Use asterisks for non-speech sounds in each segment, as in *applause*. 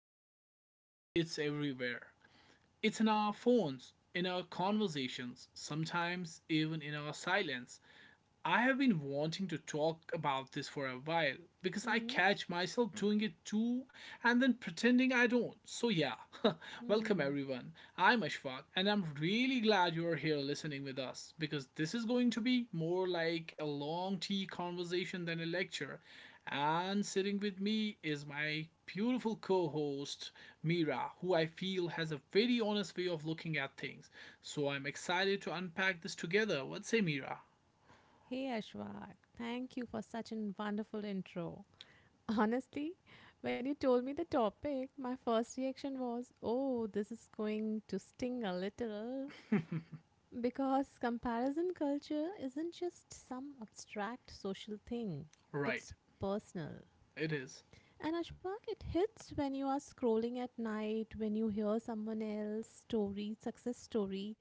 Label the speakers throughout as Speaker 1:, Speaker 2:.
Speaker 1: comparison culture, it's everywhere. It's in our phones, in our conversations, sometimes even in our silence. I have been wanting to talk about this for a while because I
Speaker 2: Mm-hmm.
Speaker 1: catch myself doing it too and then pretending I don't. So, yeah, *laughs* welcome
Speaker 2: Mm-hmm.
Speaker 1: everyone. I'm Ashfaq and I'm really glad you're here listening with us because this is going to be more like a long tea conversation than a lecture. And sitting with me is my beautiful co host, Mira, who I feel has a very honest way of looking at things. So, I'm excited to unpack this together. What say, Mira?
Speaker 2: Hey Ashwak, thank you for such a wonderful intro. Honestly, when you told me the topic, my first reaction was, oh, this is going to sting a little. Because comparison culture isn't just some abstract social thing,
Speaker 1: Right.
Speaker 2: it's personal.
Speaker 1: It is.
Speaker 2: And Ashwak, it hits when you are scrolling at night, when you hear someone else's story, success story,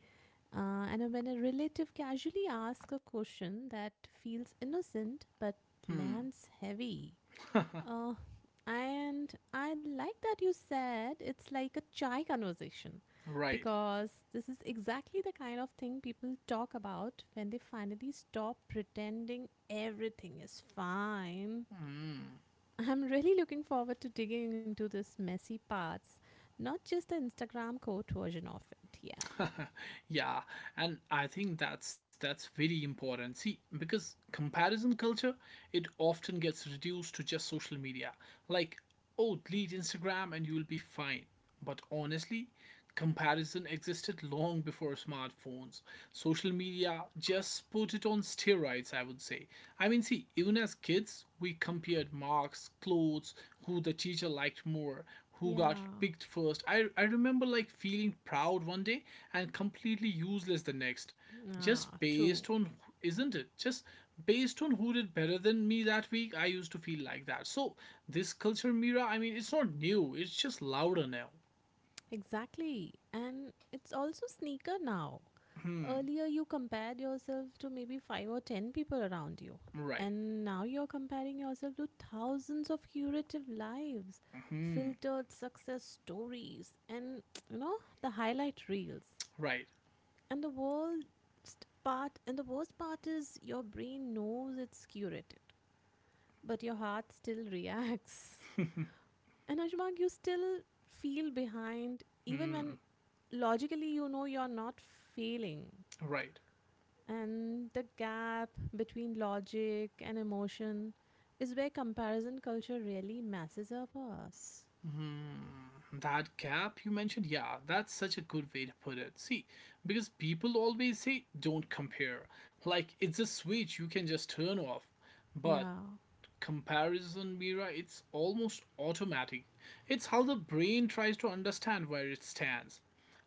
Speaker 2: and when a relative casually asks a question that feels innocent but
Speaker 1: Hmm.
Speaker 2: lands heavy. Uh, and I like that you said it's like a chai conversation
Speaker 1: Right.
Speaker 2: because this is exactly the kind of thing people talk about when they finally stop pretending everything is fine.
Speaker 1: Hmm.
Speaker 2: I'm really looking forward to digging into this messy parts, not just the Instagram quote version of it. Yeah.
Speaker 1: *laughs* Yeah, and I think that's very important. See, because comparison culture, it often gets reduced to just social media. Like, oh, delete Instagram and you'll be fine. But honestly, comparison existed long before smartphones. Social media just put it on steroids, I would say. I mean, see, even as kids, we compared marks, clothes, who the teacher liked more, who got
Speaker 2: Yeah.
Speaker 1: picked first. I remember like feeling proud one day and completely useless the next.
Speaker 2: Ah,
Speaker 1: Just
Speaker 2: true.
Speaker 1: based on, isn't it? Just based on who did better than me that week, I used to feel like that. So, this culture mirror, I mean, it's not new, it's just louder now.
Speaker 2: Exactly. And it's also sneaker now.
Speaker 1: Hmm,
Speaker 2: Earlier, you compared yourself to maybe five or ten people around you.
Speaker 1: right.
Speaker 2: And now you're comparing yourself to thousands of curative lives,
Speaker 1: Hmm,
Speaker 2: filtered success stories, and *tsk* you know, the highlight reels.
Speaker 1: right.
Speaker 2: And the worst part is your brain knows it's curated, but your heart still *laughs* reacts. And Ashbag, you still feel behind even
Speaker 1: Hmm,
Speaker 2: when logically you know you're not failing.
Speaker 1: right.
Speaker 2: And the gap between logic and emotion is where comparison culture really messes up us.
Speaker 1: That gap you mentioned, yeah, that's such a good way to put it. See, because people always say don't compare. Like it's a switch you can just turn off. But
Speaker 2: Yeah.
Speaker 1: comparison, Mira, it's almost automatic. It's how the brain tries to understand where it stands.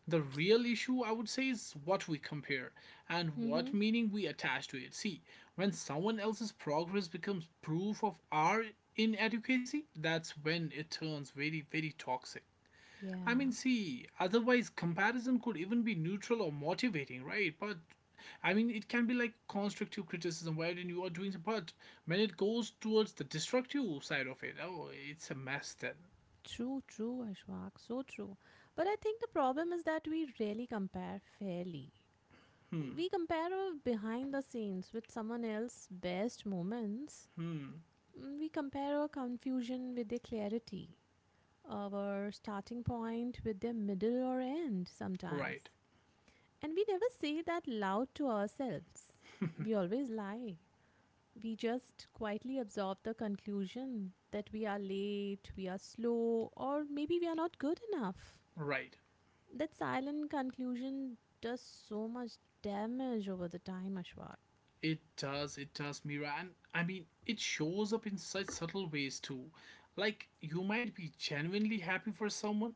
Speaker 1: The real issue, I would say, is what we compare and
Speaker 2: Mm-hmm.
Speaker 1: what meaning we attach to it. See, when someone else's progress becomes proof of our inadequacy, that's when it turns very, very toxic. I mean,
Speaker 2: Yeah.
Speaker 1: see, otherwise comparison could even be neutral or motivating, right? But I mean, it can be like constructive criticism wherein you are doing the but when it goes towards the destructive side of it, oh, it's a mess then.
Speaker 2: True, Ashwak. So true. But I think the problem is that we rarely compare fairly. We compare our behind the scenes with someone else's best moments, we compare our confusion with their clarity, our starting point with their middle or end sometimes.
Speaker 1: Right,
Speaker 2: And we never say that loud to ourselves. We always lie. We just quietly absorb the conclusion that we are late, we are slow, or maybe we are not good enough.
Speaker 1: right.
Speaker 2: That silent conclusion does so much damage over the time, Ashwak.
Speaker 1: It does, Mira. And I mean, it shows up in such subtle ways too. Like, you might be genuinely happy for someone,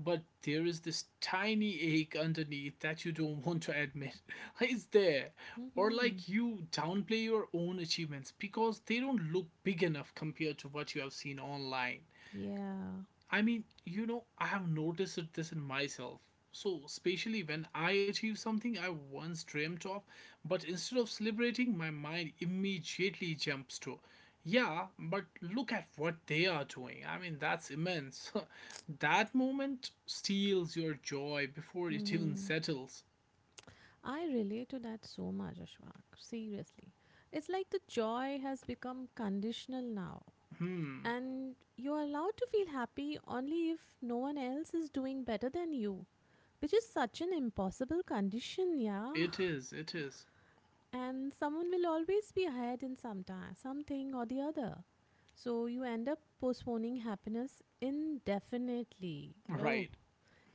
Speaker 1: but there is this tiny ache underneath that you don't want to admit. *laughs* It's there. Or,
Speaker 2: Mm-hmm.
Speaker 1: like, you downplay your own achievements because they don't look big enough compared to what you have seen online.
Speaker 2: Yeah.
Speaker 1: I mean, you know, I have noticed this in myself. So, especially when I achieve something I once dreamt of, but instead of celebrating, my mind immediately jumps to, yeah, but look at what they are doing. I mean, that's immense. *laughs* That moment steals your joy before it even
Speaker 2: Mm-hmm.
Speaker 1: settles.
Speaker 2: I relate to that so much, Ashwak. Seriously. It's like the joy has become conditional now.
Speaker 1: Hmm,
Speaker 2: And you're allowed to feel happy only if no one else is doing better than you, which is such an impossible condition, yeah.
Speaker 1: it is, it is.
Speaker 2: *laughs* And someone will always be ahead in some time, something or the other. So you end up postponing happiness indefinitely. Oh,
Speaker 1: Right,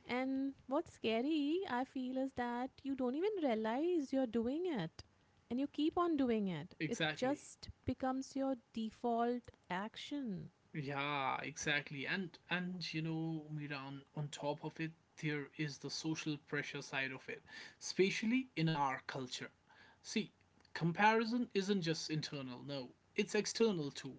Speaker 2: and what's scary, I feel, is that you don't even realize you're doing it and you keep on doing it. It
Speaker 1: exactly.
Speaker 2: just becomes your default action.
Speaker 1: Yeah, exactly. And you know, Mira, on top of it, there is the social pressure side of it, especially in our culture. See, comparison isn't just internal, no, it's external too.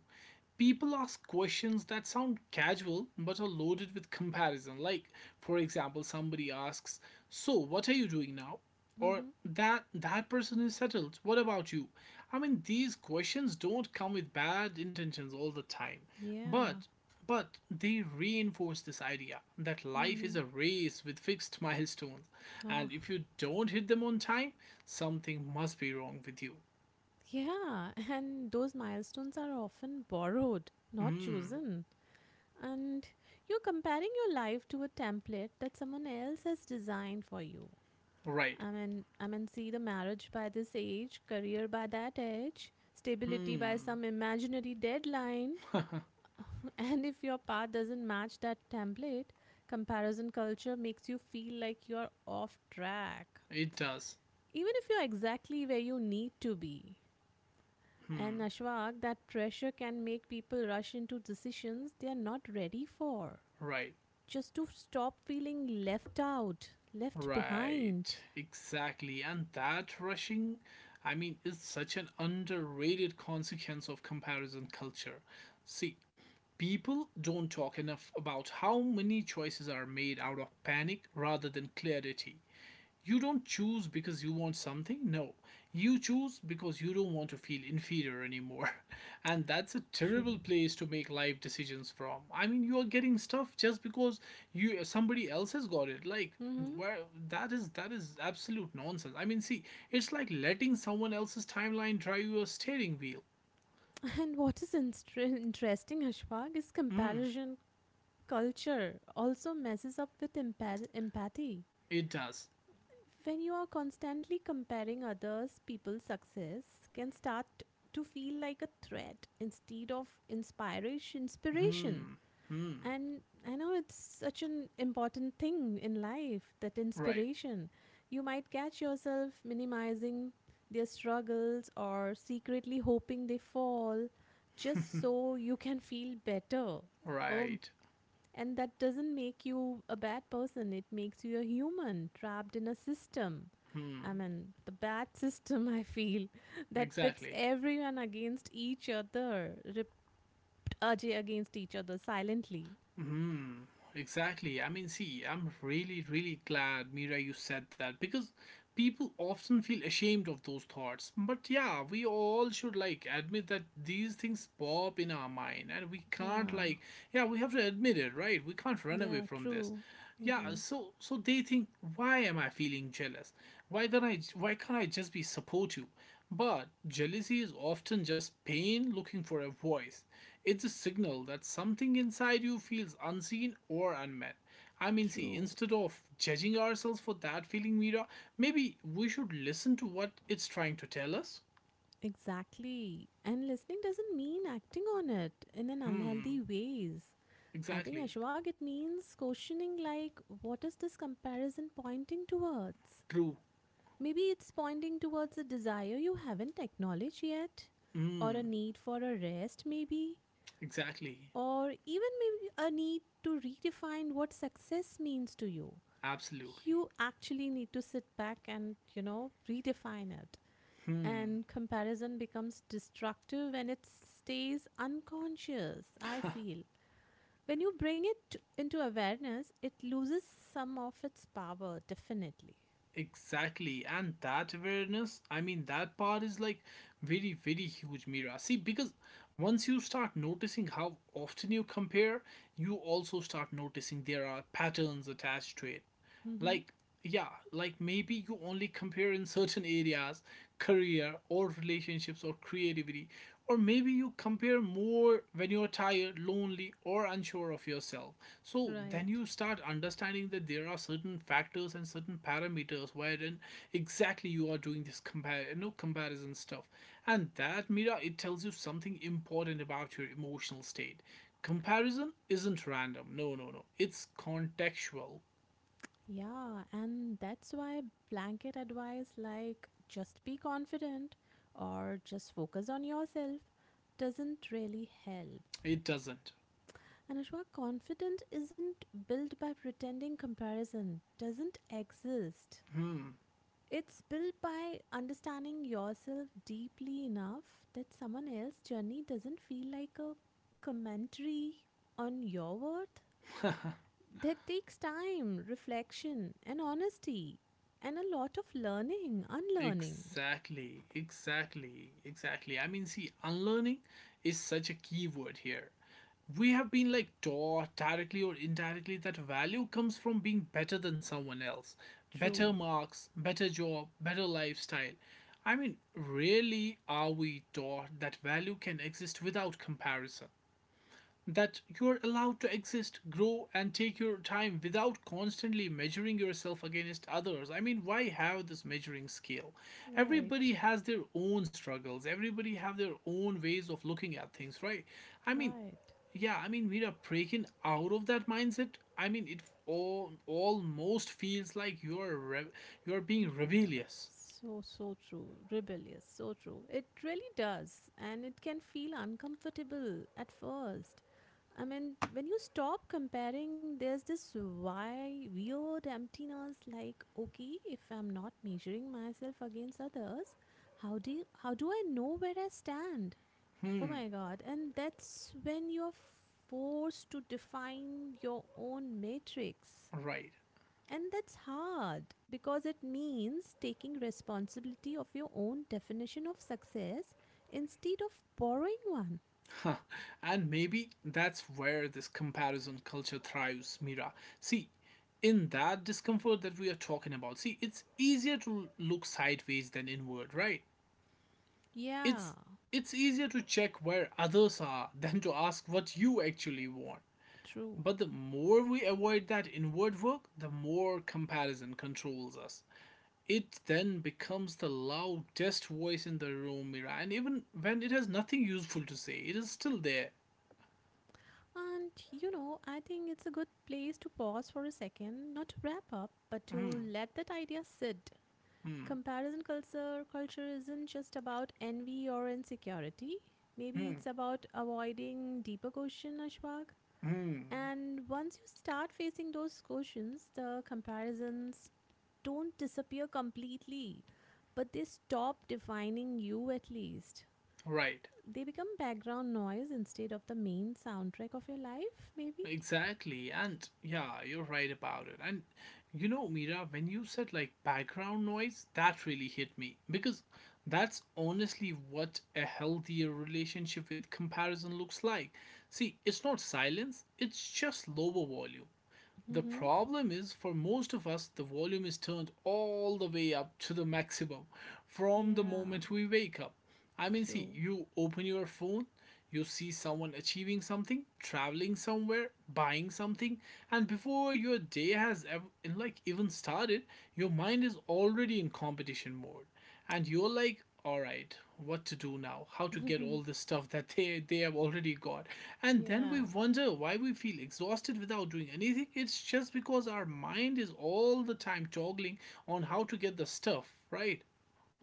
Speaker 1: People ask questions that sound casual but are loaded with comparison. Like, for example, somebody asks, "So, what are you doing now?" Or
Speaker 2: Mm-hmm.
Speaker 1: that person is settled. What about you? I mean, these questions don't come with bad intentions all the time,
Speaker 2: Yeah.
Speaker 1: but but they reinforce this idea that life is
Speaker 2: Mm-hmm.
Speaker 1: a race with fixed *laughs* milestones,
Speaker 2: Ah.
Speaker 1: and if you don't hit them on time, something must be wrong with you.
Speaker 2: Yeah. And those milestones are often borrowed, not
Speaker 1: Hmm,
Speaker 2: chosen. And you're comparing your life to a template that someone else has designed for you.
Speaker 1: right.
Speaker 2: I mean, see, the marriage by this age, career by that age, stability by
Speaker 1: Hmm,
Speaker 2: some imaginary deadline. *laughs*
Speaker 1: *laughs*
Speaker 2: And if your path doesn't match that template, comparison culture makes you feel like you're off track,
Speaker 1: it does.
Speaker 2: even if you're exactly where you need to be. And
Speaker 1: Hmm,
Speaker 2: Ashwag, that pressure can make people rush into decisions they are not ready for,
Speaker 1: right,
Speaker 2: just to stop feeling left out, left behind.
Speaker 1: right, exactly. And that rushing, I mean, is such an underrated consequence of comparison culture. See, people don't talk enough about how many choices are made out of panic rather than clarity. You don't choose because you want something. No, you choose because you don't want to feel inferior anymore. *laughs* And that's a
Speaker 2: True.
Speaker 1: terrible place to make life decisions from. I mean, you are getting stuff just because you somebody else has got it. Like,
Speaker 2: Mm-hmm.
Speaker 1: where that is absolute nonsense. I mean, see, it's like letting someone else's timeline drive your steering wheel.
Speaker 2: And what is interesting, Ashfaq, is
Speaker 1: Hmm,
Speaker 2: comparison culture also messes up with empathy.
Speaker 1: it does.
Speaker 2: When you are constantly comparing others, people's success can start to feel like a threat instead of inspiration. Inspiration.
Speaker 1: Hmm, hmm.
Speaker 2: And I know it's such an important thing in life, that
Speaker 1: Right,
Speaker 2: inspiration. You might catch yourself minimizing their struggles or secretly hoping they fall just so you can feel better. Oh,
Speaker 1: right.
Speaker 2: and that doesn't make you a bad person, it makes you a human trapped in a system.
Speaker 1: Hmm,
Speaker 2: I mean, the bad system, I feel, *laughs* that pits
Speaker 1: exactly.
Speaker 2: everyone against each other, ripped against each other silently.
Speaker 1: Hmm, exactly. I mean, see, I'm really, really glad, Mira, you said that because people often feel ashamed of those thoughts. But yeah, we all should like admit that these things pop in our mind and we can't,
Speaker 2: Yeah.
Speaker 1: like, yeah, we have to admit it, right? We can't run away
Speaker 2: Yeah,
Speaker 1: from this.
Speaker 2: true. Mm-hmm.
Speaker 1: Yeah, so they think, why am I feeling jealous? Why can't I just be supportive? But jealousy is often just pain looking for a voice. It's a signal that something inside you feels unseen or unmet. I mean, see,
Speaker 2: True.
Speaker 1: instead of judging ourselves for that feeling, Mira, maybe we should listen to what it's trying to tell us.
Speaker 2: Exactly. And listening doesn't mean acting on it in an
Speaker 1: Hmm,
Speaker 2: unhealthy ways. I think
Speaker 1: exactly.
Speaker 2: Ashwag, it means questioning, like, what is this comparison pointing towards?
Speaker 1: True.
Speaker 2: Maybe it's pointing towards a desire you haven't acknowledged yet, or a need for a rest, maybe,
Speaker 1: Exactly.
Speaker 2: or even maybe a need to redefine what success means to you.
Speaker 1: Absolutely.
Speaker 2: You actually need to sit back and, you know, redefine it. And comparison becomes destructive when it stays unconscious, I feel. When you bring it into awareness, it loses some of its power, definitely.
Speaker 1: Exactly, and that awareness, I mean, that part is like very, very huge, Mira. See, because once you start noticing how often you compare, you also start noticing there are patterns attached to it.
Speaker 2: Mm-hmm.
Speaker 1: Like, yeah, like maybe you only compare in certain areas, career or relationships or creativity, or maybe you compare more when you're tired, lonely, or unsure of yourself. So
Speaker 2: Right.
Speaker 1: then you start understanding that there are certain factors and certain parameters wherein exactly you are doing this compare, you know, comparison stuff. And that, Mira, it tells you something important about your emotional state. Comparison isn't random. No, no, no. It's contextual.
Speaker 2: Yeah, and that's why blanket advice like just be confident or just focus on yourself doesn't really help.
Speaker 1: It doesn't.
Speaker 2: And Ashwa, confidence isn't built by pretending comparison doesn't exist.
Speaker 1: Hmm.
Speaker 2: It's built by understanding yourself deeply enough that someone else's journey doesn't feel like a commentary on your worth. That takes time, reflection, and honesty, and a lot of learning, unlearning.
Speaker 1: Exactly, exactly, exactly. I mean, see, unlearning is such a key word here. We have been like taught directly or indirectly that value comes from being better than someone else, better
Speaker 2: True.
Speaker 1: marks, better job, better lifestyle. I mean, really, are we taught that value can exist without comparison? That you're allowed to exist, grow, and take your time without constantly measuring yourself against others. I mean, why have this measuring scale?
Speaker 2: Right.
Speaker 1: Everybody has their own struggles, everybody have their own ways of looking at things, right? I mean,
Speaker 2: Right.
Speaker 1: yeah, I mean, we are breaking out of that mindset. I mean, it almost feels like you're being rebellious,
Speaker 2: So, so true. Rebellious. So true. It really does. And it can feel uncomfortable at first. I mean, when you stop comparing, there's this why weird emptiness, like, okay, if I'm not measuring myself against others, how do I know where I stand? Oh my god. And that's when you're forced to define your own matrix.
Speaker 1: right?
Speaker 2: And that's hard because it means taking responsibility of your own definition of success instead of borrowing one.
Speaker 1: *laughs* And maybe that's where this comparison culture thrives, Mira. See, in that discomfort that we are talking about, see, it's easier to look sideways than inward, right?
Speaker 2: Yeah,
Speaker 1: It's it's easier to check where others are *laughs* than to ask what you actually want.
Speaker 2: true.
Speaker 1: But the more we avoid that inward work, the more comparison controls us. It then becomes the loudest voice in the room, Mira, and even when it has nothing useful to say, it is still there.
Speaker 2: And you know, I think it's a good place to pause for a second, not to wrap up, but to let that idea sit. Comparison culture isn't just about envy or insecurity. Maybe it's about avoiding deeper question, Ashwag. And once you start facing those questions, the comparisons don't disappear completely, but they stop defining you at least.
Speaker 1: Right.
Speaker 2: They become background noise instead of the main soundtrack of your life, maybe?
Speaker 1: Exactly, and yeah, you're right about it. And you know, Mira, when you said like background noise, that really hit me because that's honestly what a healthier relationship with comparison looks like. See, it's not silence, it's just lower volume. The
Speaker 2: Hmm.
Speaker 1: problem is, for most of us, the volume is turned all the way up to the maximum from the
Speaker 2: Yeah,
Speaker 1: moment we wake up. I mean, see,
Speaker 2: true.
Speaker 1: you open your phone, you see someone achieving something, traveling somewhere, buying something, and before your day has like even started, your mind is already in competition mode and you're like all right what to do now, how to get all
Speaker 2: *laughs*
Speaker 1: this stuff that they have already got. And then we
Speaker 2: Yeah.
Speaker 1: wonder why we feel exhausted without doing anything. It's just because our mind is all the time toggling on how to get the stuff, right?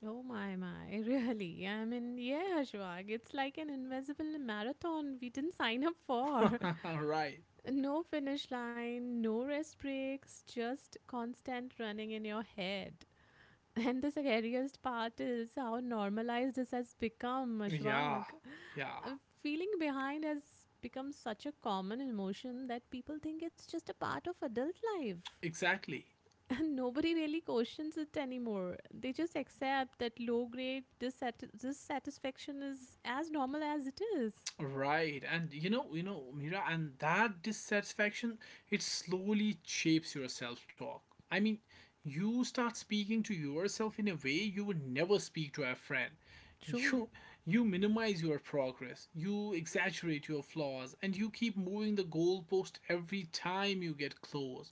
Speaker 2: Oh my, my, *laughs* really. I mean, yeah, Shwag, it's like an invisible marathon we didn't sign up for. *laughs*
Speaker 1: *laughs* Right.
Speaker 2: No finish line, no rest breaks, just constant running in your head. And the scariest part is how normalized this has become,
Speaker 1: Yeah.
Speaker 2: Ashwag.
Speaker 1: Yeah,
Speaker 2: Uh, Feeling behind has become such a common emotion that people think it's just a part of adult life.
Speaker 1: exactly.
Speaker 2: *laughs* And nobody really questions it anymore. They just accept that low grade dissatisfaction is as normal as it is.
Speaker 1: Right, and you know, Mira, and that dissatisfaction, it slowly shapes your self-talk. I mean, you start speaking to yourself in a way you would never speak to a friend.
Speaker 2: True.
Speaker 1: You you minimize your progress, you exaggerate your flaws, and you keep moving the goalpost every time you get close.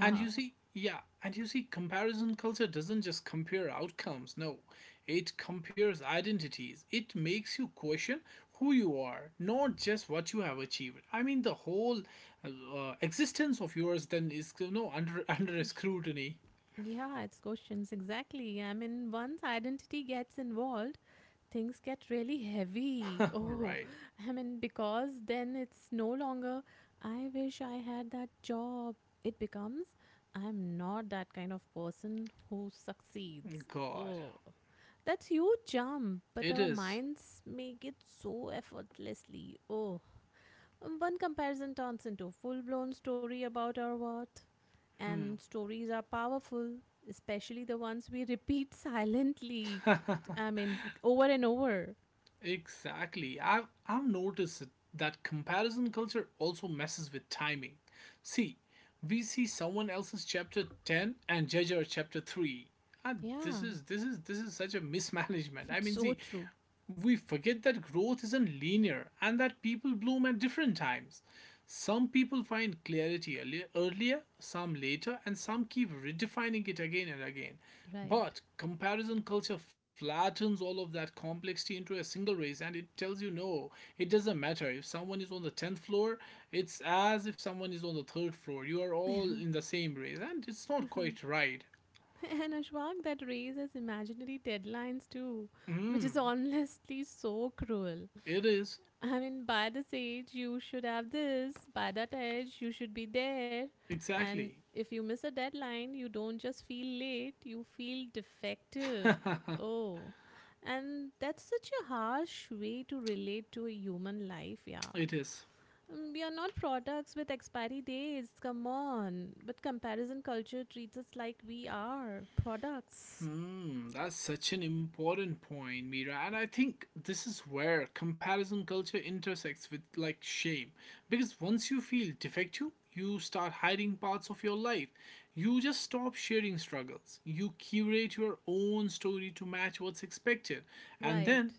Speaker 1: And you see, yeah, and you see, comparison culture doesn't just compare outcomes, no. It compares identities. It makes you question who you are, not just what you have achieved. I mean, the whole existence of yours then is, you know, under *laughs* under
Speaker 2: Kush.
Speaker 1: scrutiny.
Speaker 2: Yeah, it's questions. Exactly. I mean, once identity gets involved, things get really heavy. *laughs*
Speaker 1: All
Speaker 2: Oh,
Speaker 1: right,
Speaker 2: I mean, because then it's no longer, I wish I had that job. It becomes, I'm not that kind of person who succeeds.
Speaker 1: God,
Speaker 2: Oh, that's huge jump, but
Speaker 1: it
Speaker 2: our
Speaker 1: is.
Speaker 2: minds make it so effortlessly. Oh, one comparison turns into a full blown story about our worth. And stories are powerful, especially the ones we repeat *laughs* silently. I mean, over and over.
Speaker 1: Exactly. I've noticed that comparison culture also messes with timing. See, we see someone else's chapter 10 and judge our chapter 3. And this
Speaker 2: Yeah,
Speaker 1: is this is this is such a mismanagement. I
Speaker 2: it's
Speaker 1: mean,
Speaker 2: so
Speaker 1: see,
Speaker 2: true.
Speaker 1: we forget that growth isn't linear and that people bloom at different times. Some people find clarity earlier, some later, and some keep redefining it again and again.
Speaker 2: Right.
Speaker 1: But comparison culture flattens all of that complexity into a single race and it tells you no, it doesn't matter. If someone is on the 10th floor, it's as if someone is on the third floor. You are all in the same race and it's
Speaker 2: *laughs*
Speaker 1: not
Speaker 2: And
Speaker 1: quite right.
Speaker 2: Ashwag, that raises imaginary deadlines too, which is
Speaker 1: Mm,
Speaker 2: honestly so cruel.
Speaker 1: it is.
Speaker 2: I mean, by this age, you should have this. By that age, you should be there. And
Speaker 1: Exactly.
Speaker 2: if you miss a deadline, you don't just feel late, you feel defective. Oh, and that's such a harsh way to relate to a human life, yeah.
Speaker 1: It is.
Speaker 2: Mm, we are not products with expiry dates, come on. But comparison culture treats us like we are products.
Speaker 1: Hmm, that's such an important point, Mira. And I think this is where comparison culture intersects with like shame. Because once you feel defective, you start hiding parts of your life. You just stop sharing struggles. You curate your own story to match what's expected. And
Speaker 2: Right.
Speaker 1: then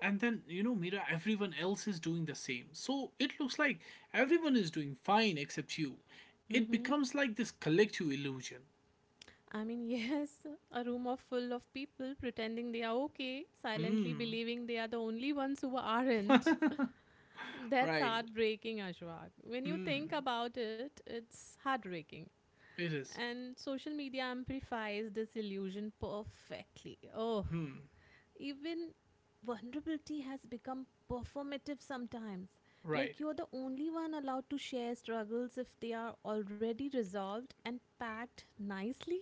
Speaker 1: and then you know, Mira, everyone else is doing the same, so it looks like everyone is doing fine except you.
Speaker 2: Mm
Speaker 1: It
Speaker 2: hmm.
Speaker 1: becomes like this collective illusion.
Speaker 2: I mean, yes, *laughs* a room of full of people pretending they are okay, silently
Speaker 1: Hmm.
Speaker 2: believing they are the only ones who aren't. *laughs* That's
Speaker 1: Right,
Speaker 2: heartbreaking, Ashwag. When you think about it, it's heartbreaking.
Speaker 1: it is.
Speaker 2: And social media amplifies this illusion perfectly. Oh, even vulnerability has become performative sometimes. Like
Speaker 1: Right.
Speaker 2: you're the only one allowed to share struggles if they are already resolved and packed nicely.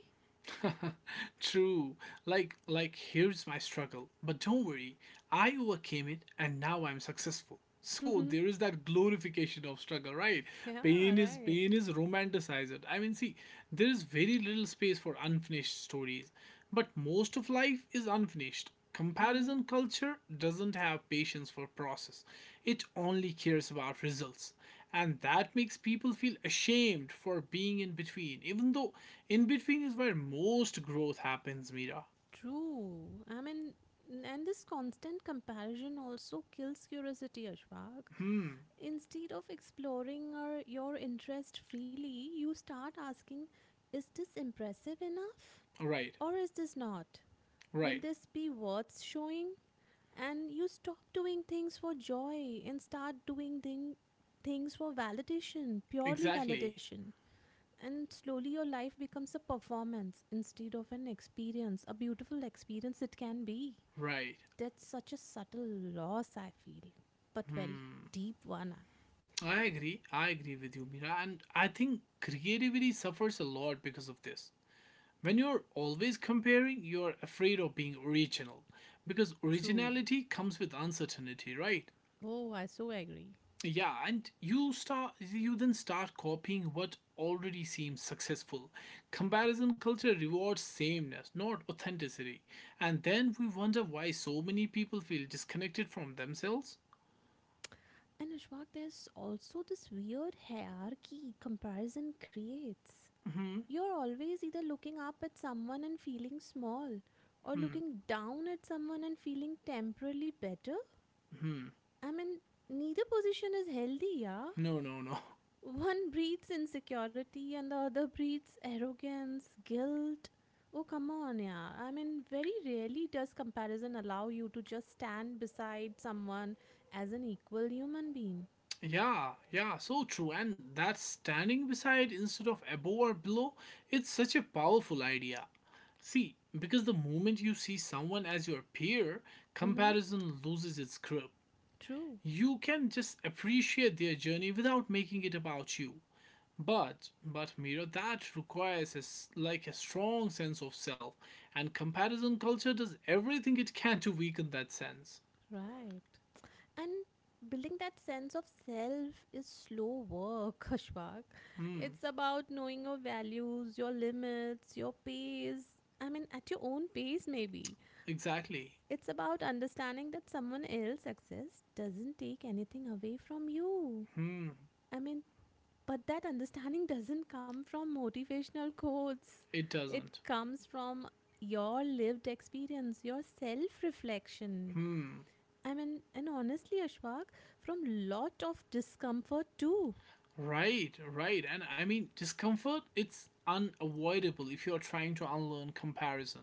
Speaker 1: *laughs* True. Like here's my struggle. But don't worry, I overcame it and now I'm successful. So there
Speaker 2: *laughs*
Speaker 1: is that glorification of struggle, right?
Speaker 2: Yeah,
Speaker 1: Pain is
Speaker 2: right.
Speaker 1: pain is romanticized. I mean, see, there is very little space for unfinished stories. But most of life is unfinished.
Speaker 2: Hmm.
Speaker 1: Comparison culture doesn't have patience for process. It only cares about results. And that makes people feel ashamed for being in between, even though in between is where most growth happens, Mira.
Speaker 2: True. I mean, and this constant comparison also kills curiosity, Ashwag. Instead of exploring or your interest freely, you start asking, is this impressive enough?
Speaker 1: Right,
Speaker 2: Or is this not? Will
Speaker 1: right,
Speaker 2: this be worth showing? And you stop doing things for joy and start doing things for validation, purely
Speaker 1: exactly,
Speaker 2: validation. And slowly your life becomes a performance instead of an experience, a beautiful experience it can be.
Speaker 1: right.
Speaker 2: That's such a subtle loss, I feel, but very deep one.
Speaker 1: I agree with you, Mira. And I think creativity suffers a lot because of this. When you're always comparing, you're afraid of being original because
Speaker 2: True.
Speaker 1: originality comes with uncertainty, right?
Speaker 2: Oh, I so agree.
Speaker 1: Yeah, and you then start copying what already seems successful. Comparison culture rewards sameness, not authenticity. And then we wonder why so many people feel disconnected from themselves.
Speaker 2: And Ashwak, there's also this weird hierarchy comparison creates. You're always either looking up at someone and feeling small, or looking down at someone and feeling temporarily better. I mean, neither position is healthy, yeah?
Speaker 1: No, no, no. *laughs*
Speaker 2: One breathes insecurity and the other breathes arrogance, guilt. Oh, come on, yeah. I mean, very rarely does comparison allow you to just stand beside someone as an equal human being.
Speaker 1: Yeah, yeah, so true. And that standing beside instead of above or below, it's such a powerful idea. See, because the moment you see someone as your peer,
Speaker 2: Mm-hmm.
Speaker 1: comparison loses its grip.
Speaker 2: True,
Speaker 1: You can just appreciate their journey without making it about you. But Mira, that requires a, like a strong sense of self, and comparison culture does everything it can to weaken that sense.
Speaker 2: right. And building that sense of self is slow work, *laughs* Ashwak. It's about knowing your values, your limits, your pace. I mean, at your own pace, maybe.
Speaker 1: Exactly,
Speaker 2: It's about understanding that someone else's success doesn't take anything away from you. I mean, but that understanding *laughs* doesn't come from motivational quotes.
Speaker 1: it
Speaker 2: It
Speaker 1: doesn't.
Speaker 2: comes from your lived experience, your self-reflection.
Speaker 1: Hmm.
Speaker 2: I mean, and honestly, Ashwak, from lot of discomfort too.
Speaker 1: Right, right. And I mean, discomfort, it's unavoidable if you're trying to unlearn comparison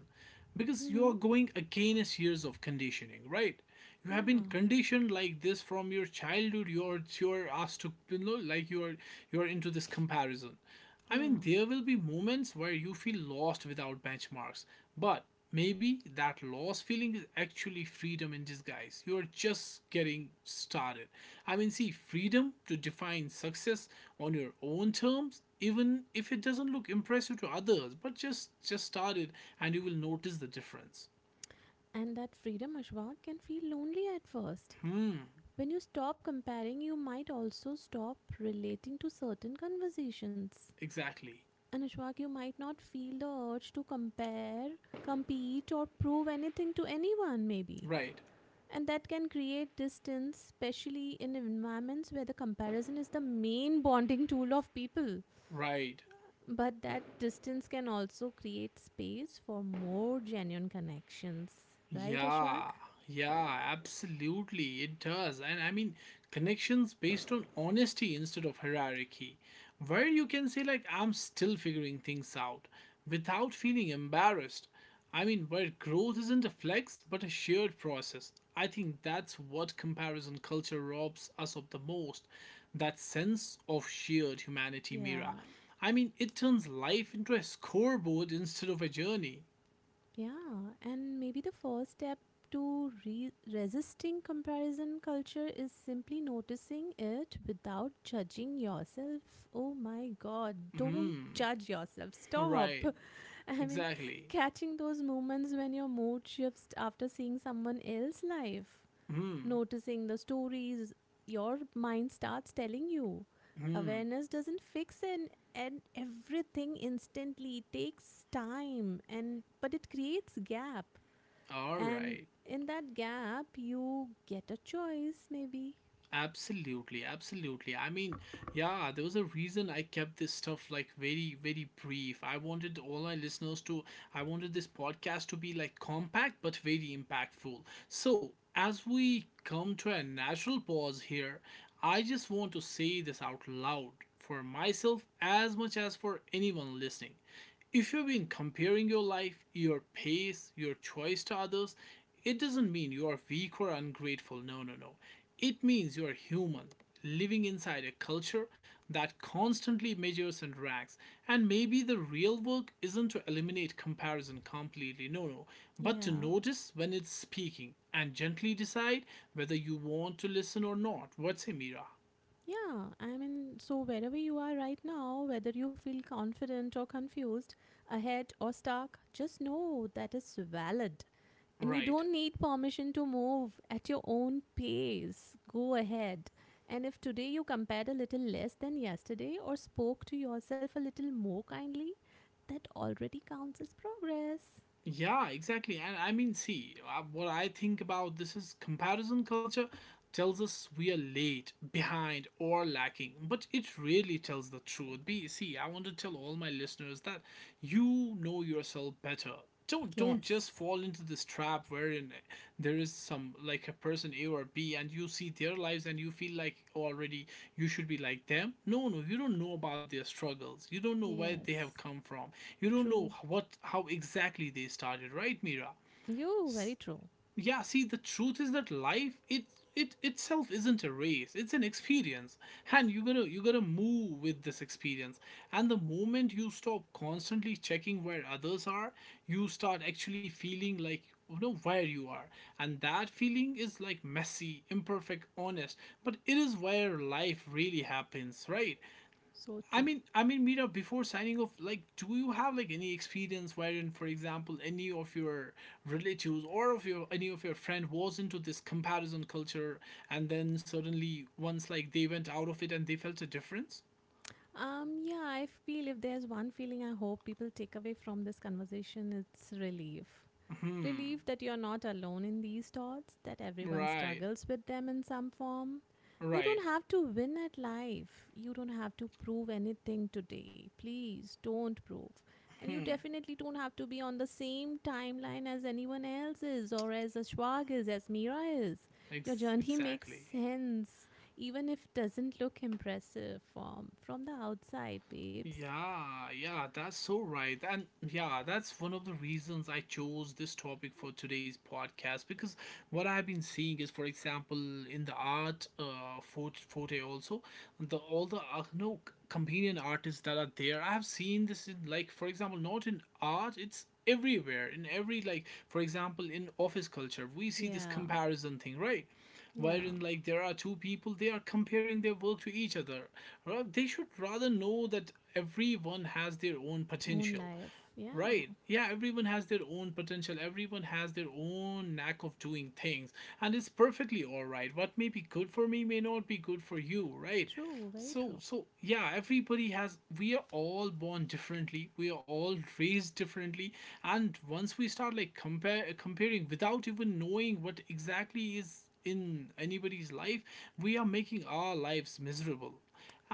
Speaker 1: because you're
Speaker 2: Mm-hmm.
Speaker 1: going against years of conditioning, right? You have been
Speaker 2: Yeah,
Speaker 1: conditioned like this from your childhood. You're asked to, you know, like, you're into this comparison. I mean,
Speaker 2: yeah.
Speaker 1: there will be moments where you feel lost without benchmarks, but maybe that lost feeling is actually freedom in disguise. You're just getting started. I mean, see, freedom to define success on your own terms, even if it doesn't look impressive to others, but just start it and you will notice the difference.
Speaker 2: And that freedom, Ashwak, can feel lonely at first.
Speaker 1: Hmm,
Speaker 2: When you stop comparing, you might also stop relating to certain conversations.
Speaker 1: exactly.
Speaker 2: And Ashwak, you might not feel the urge to compare, compete, or prove anything to anyone, maybe.
Speaker 1: Right,
Speaker 2: And that can create distance, especially in environments where the comparison is the main bonding tool of people.
Speaker 1: right.
Speaker 2: But that distance can also create space for more genuine connections. Right, Ashwak?
Speaker 1: Yeah, yeah, absolutely. It does. And I mean, connections based on honesty instead of hierarchy, where you can say, like, I'm still figuring things out without feeling embarrassed. I mean, where growth isn't a flex but a shared process. I think that's what comparison culture robs us of the most, that sense of shared humanity,
Speaker 2: Yeah.
Speaker 1: Mira. I mean, it turns life into a scoreboard instead of a journey.
Speaker 2: Yeah, and maybe the first step to resisting comparison culture is simply noticing it without judging yourself. Oh my god, don't judge yourself. Stop.
Speaker 1: Right,
Speaker 2: *laughs* I mean,
Speaker 1: exactly.
Speaker 2: catching those moments when your mood shifts after seeing someone else's life, noticing the stories your mind starts telling you. Awareness doesn't fix in, and everything instantly. It takes time and but it creates gap.
Speaker 1: All
Speaker 2: And
Speaker 1: right.
Speaker 2: in that gap you get a choice maybe.
Speaker 1: Absolutely, absolutely. I mean, yeah, there was a reason I kept this stuff like very, very brief. I wanted all my listeners to, I wanted this podcast to be like compact but very impactful. So, as we come to a natural pause here, I just want to say this out loud for myself as much as for anyone listening. If you've been comparing your life, your pace, your choice to others, it doesn't mean you are weak or ungrateful. No, no, no. It means you are human, living inside a culture that constantly measures and ranks. And maybe the real work isn't to eliminate comparison completely. No, no. But to
Speaker 2: Yeah.
Speaker 1: notice when it's speaking and gently decide whether you want to listen or not. What's say, Mira?
Speaker 2: Yeah, I mean, so wherever you are right now, whether you feel confident or confused, ahead or stuck, just know that is valid. And you
Speaker 1: Right.
Speaker 2: don't need permission to move at your own pace. Go ahead. And if today you compared a little less than yesterday or spoke to yourself a little more kindly, that already counts as progress.
Speaker 1: Yeah, exactly. And I mean, see, what I think about this is comparison culture tells us we are late, behind, or lacking, but it really tells the truth. Be see, I want to tell all my listeners that you know yourself better. Don't just
Speaker 2: Yes.
Speaker 1: fall into this trap wherein there is some like a person A or B and you see their lives and you feel like already you should be like them. No, no, you don't know about their struggles. You don't know where they have
Speaker 2: Yes.
Speaker 1: come from. You don't
Speaker 2: True.
Speaker 1: know what how exactly they started, right, Mira?
Speaker 2: You very true.
Speaker 1: Yeah, see, the truth is that life, it itself isn't a race, it's an experience. And you gotta move with this experience. And the moment you stop constantly checking where others are, you start actually feeling like you know where you are. And that feeling is like messy, imperfect, honest, but it is where life really happens, right?
Speaker 2: So
Speaker 1: I
Speaker 2: true.
Speaker 1: mean, I mean, Mira, before signing off, like, do you have like any experience wherein, for example, any of your relatives or of your any of your friend was into this comparison culture, and then suddenly once like they went out of it and they felt a difference?
Speaker 2: Yeah, I feel if there's one feeling I hope people take away from this conversation, it's relief. Relief that you're not alone in these thoughts, that everyone
Speaker 1: Right,
Speaker 2: struggles with them in some form. You don't
Speaker 1: right,
Speaker 2: have to win at life. You don't have to prove anything today. Please don't prove. And you definitely don't have to be on the same timeline as anyone else is, or as Ashwag is, as Meera is. Your journey *laughs* makes
Speaker 1: Exactly.
Speaker 2: sense, even if it doesn't look impressive from the outside, babes.
Speaker 1: Yeah, yeah, that's so right. And yeah, that's one of the reasons I chose this topic for today's podcast because what I've been seeing is, for example, in the art forte also, the all the no companion artists that are there. I have seen this in, like, for example, not in art, it's everywhere in every, like, for example, in office culture we see this
Speaker 2: Yeah,
Speaker 1: comparison thing, right?
Speaker 2: yeah.
Speaker 1: Wherein like there are two people, they are comparing their work to each other. Well, they should rather know that everyone has their own
Speaker 2: Own
Speaker 1: potential.
Speaker 2: life. Yeah,
Speaker 1: Right. Yeah, everyone has their own potential. Everyone has their own knack of doing things. And it's perfectly all right. What may be good for me may not be good for you, right?
Speaker 2: true, very
Speaker 1: So,
Speaker 2: true.
Speaker 1: so yeah, everybody has, we are all born differently. We are all raised differently. And once we start like comparing without even knowing what exactly is in anybody's life, we are making our lives miserable.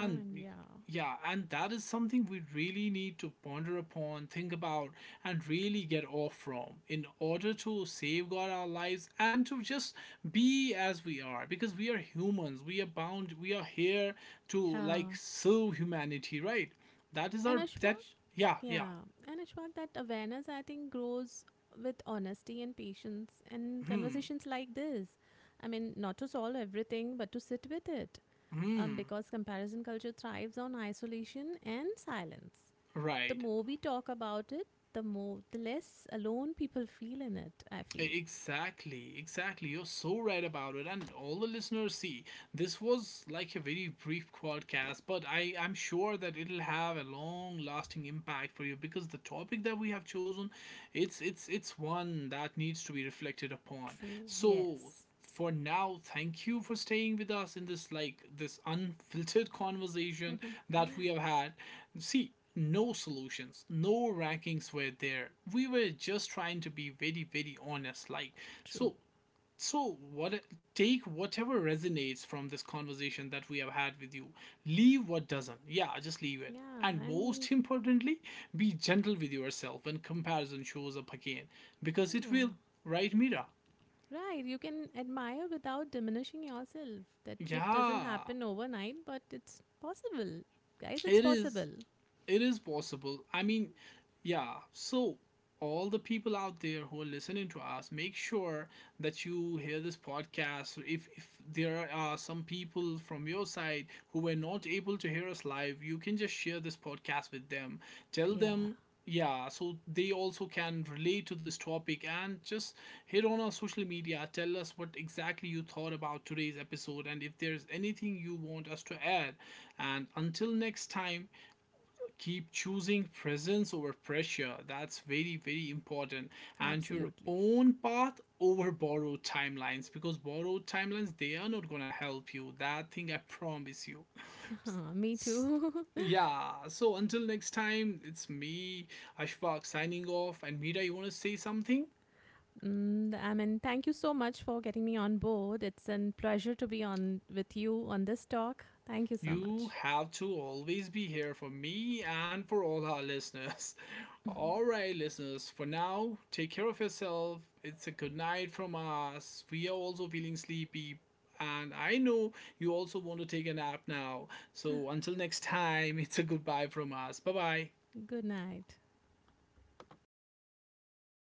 Speaker 2: I mean, yeah,
Speaker 1: yeah, and that is something we really need to ponder upon, think about, and really get off from in order to safeguard our lives and to just be as we are because we are humans, we are bound, we are here to like
Speaker 2: yeah.
Speaker 1: serve humanity, right? That is
Speaker 2: And
Speaker 1: our,
Speaker 2: Ashwak,
Speaker 1: that's, yeah, yeah,
Speaker 2: yeah. And Ashwak, that awareness, I think, grows with honesty and patience and conversations like this. I mean, not to solve everything, but to sit with it. Because comparison culture thrives on isolation and silence. The
Speaker 1: right.
Speaker 2: more we talk about it, the less alone people feel in it, I feel.
Speaker 1: Exactly, exactly. You're so right about it. And all the listeners see, this was like a very brief podcast, but I, I'm sure that it'll have a long lasting impact for you because the topic that we have chosen, it's one that needs to be reflected upon.
Speaker 2: True,
Speaker 1: So
Speaker 2: yes.
Speaker 1: for now, thank you for staying with us in this, like, this unfiltered conversation
Speaker 2: *laughs*
Speaker 1: that we have had. See, no solutions, no rankings were there, we were just trying to be very, very honest, like.
Speaker 2: True.
Speaker 1: So, so what, take whatever resonates from this conversation that we have had with you, leave what doesn't, yeah, just leave it.
Speaker 2: Yeah,
Speaker 1: And
Speaker 2: and
Speaker 1: most importantly, be gentle with yourself when comparison shows up again because it will,
Speaker 2: yeah,
Speaker 1: right, Mira?
Speaker 2: Right, you can admire without diminishing yourself. That shift doesn't
Speaker 1: Yeah.
Speaker 2: happen overnight, but it's possible. Guys, it's
Speaker 1: It is
Speaker 2: possible.
Speaker 1: it is possible. I mean, yeah. So, all the people out there who are listening to us, make sure that you hear this podcast. If there are some people from your side who were not able to hear us live, you can just share this podcast with them. Tell
Speaker 2: Yeah,
Speaker 1: them, yeah, so they also can relate to this topic and just hit on our social media. Tell us what exactly you thought about today's episode and if there's anything you want us to add. And until next time, keep choosing presence over pressure, that's very, very important, and your
Speaker 2: absolutely. *laughs*
Speaker 1: own path over borrowed timelines, because borrowed timelines, they are not going to help you, that thing I promise you.
Speaker 2: Yeah, me too.
Speaker 1: Yeah, so until next time, it's me, Ashfaq, signing off, and Mira, you want to say something?
Speaker 2: *laughs* I mean, thank you so much for getting me on board. It's a pleasure to be on with you on this talk. Thank you so
Speaker 1: You
Speaker 2: much.
Speaker 1: have to always be here for me and for all our listeners. *laughs* All
Speaker 2: *laughs*
Speaker 1: right, listeners, for now, take care of yourself. It's a good night from us. We are also feeling sleepy, and I know you also want to take a nap now. So, until next time, *laughs* it's a goodbye from us. Bye bye.
Speaker 2: Good night.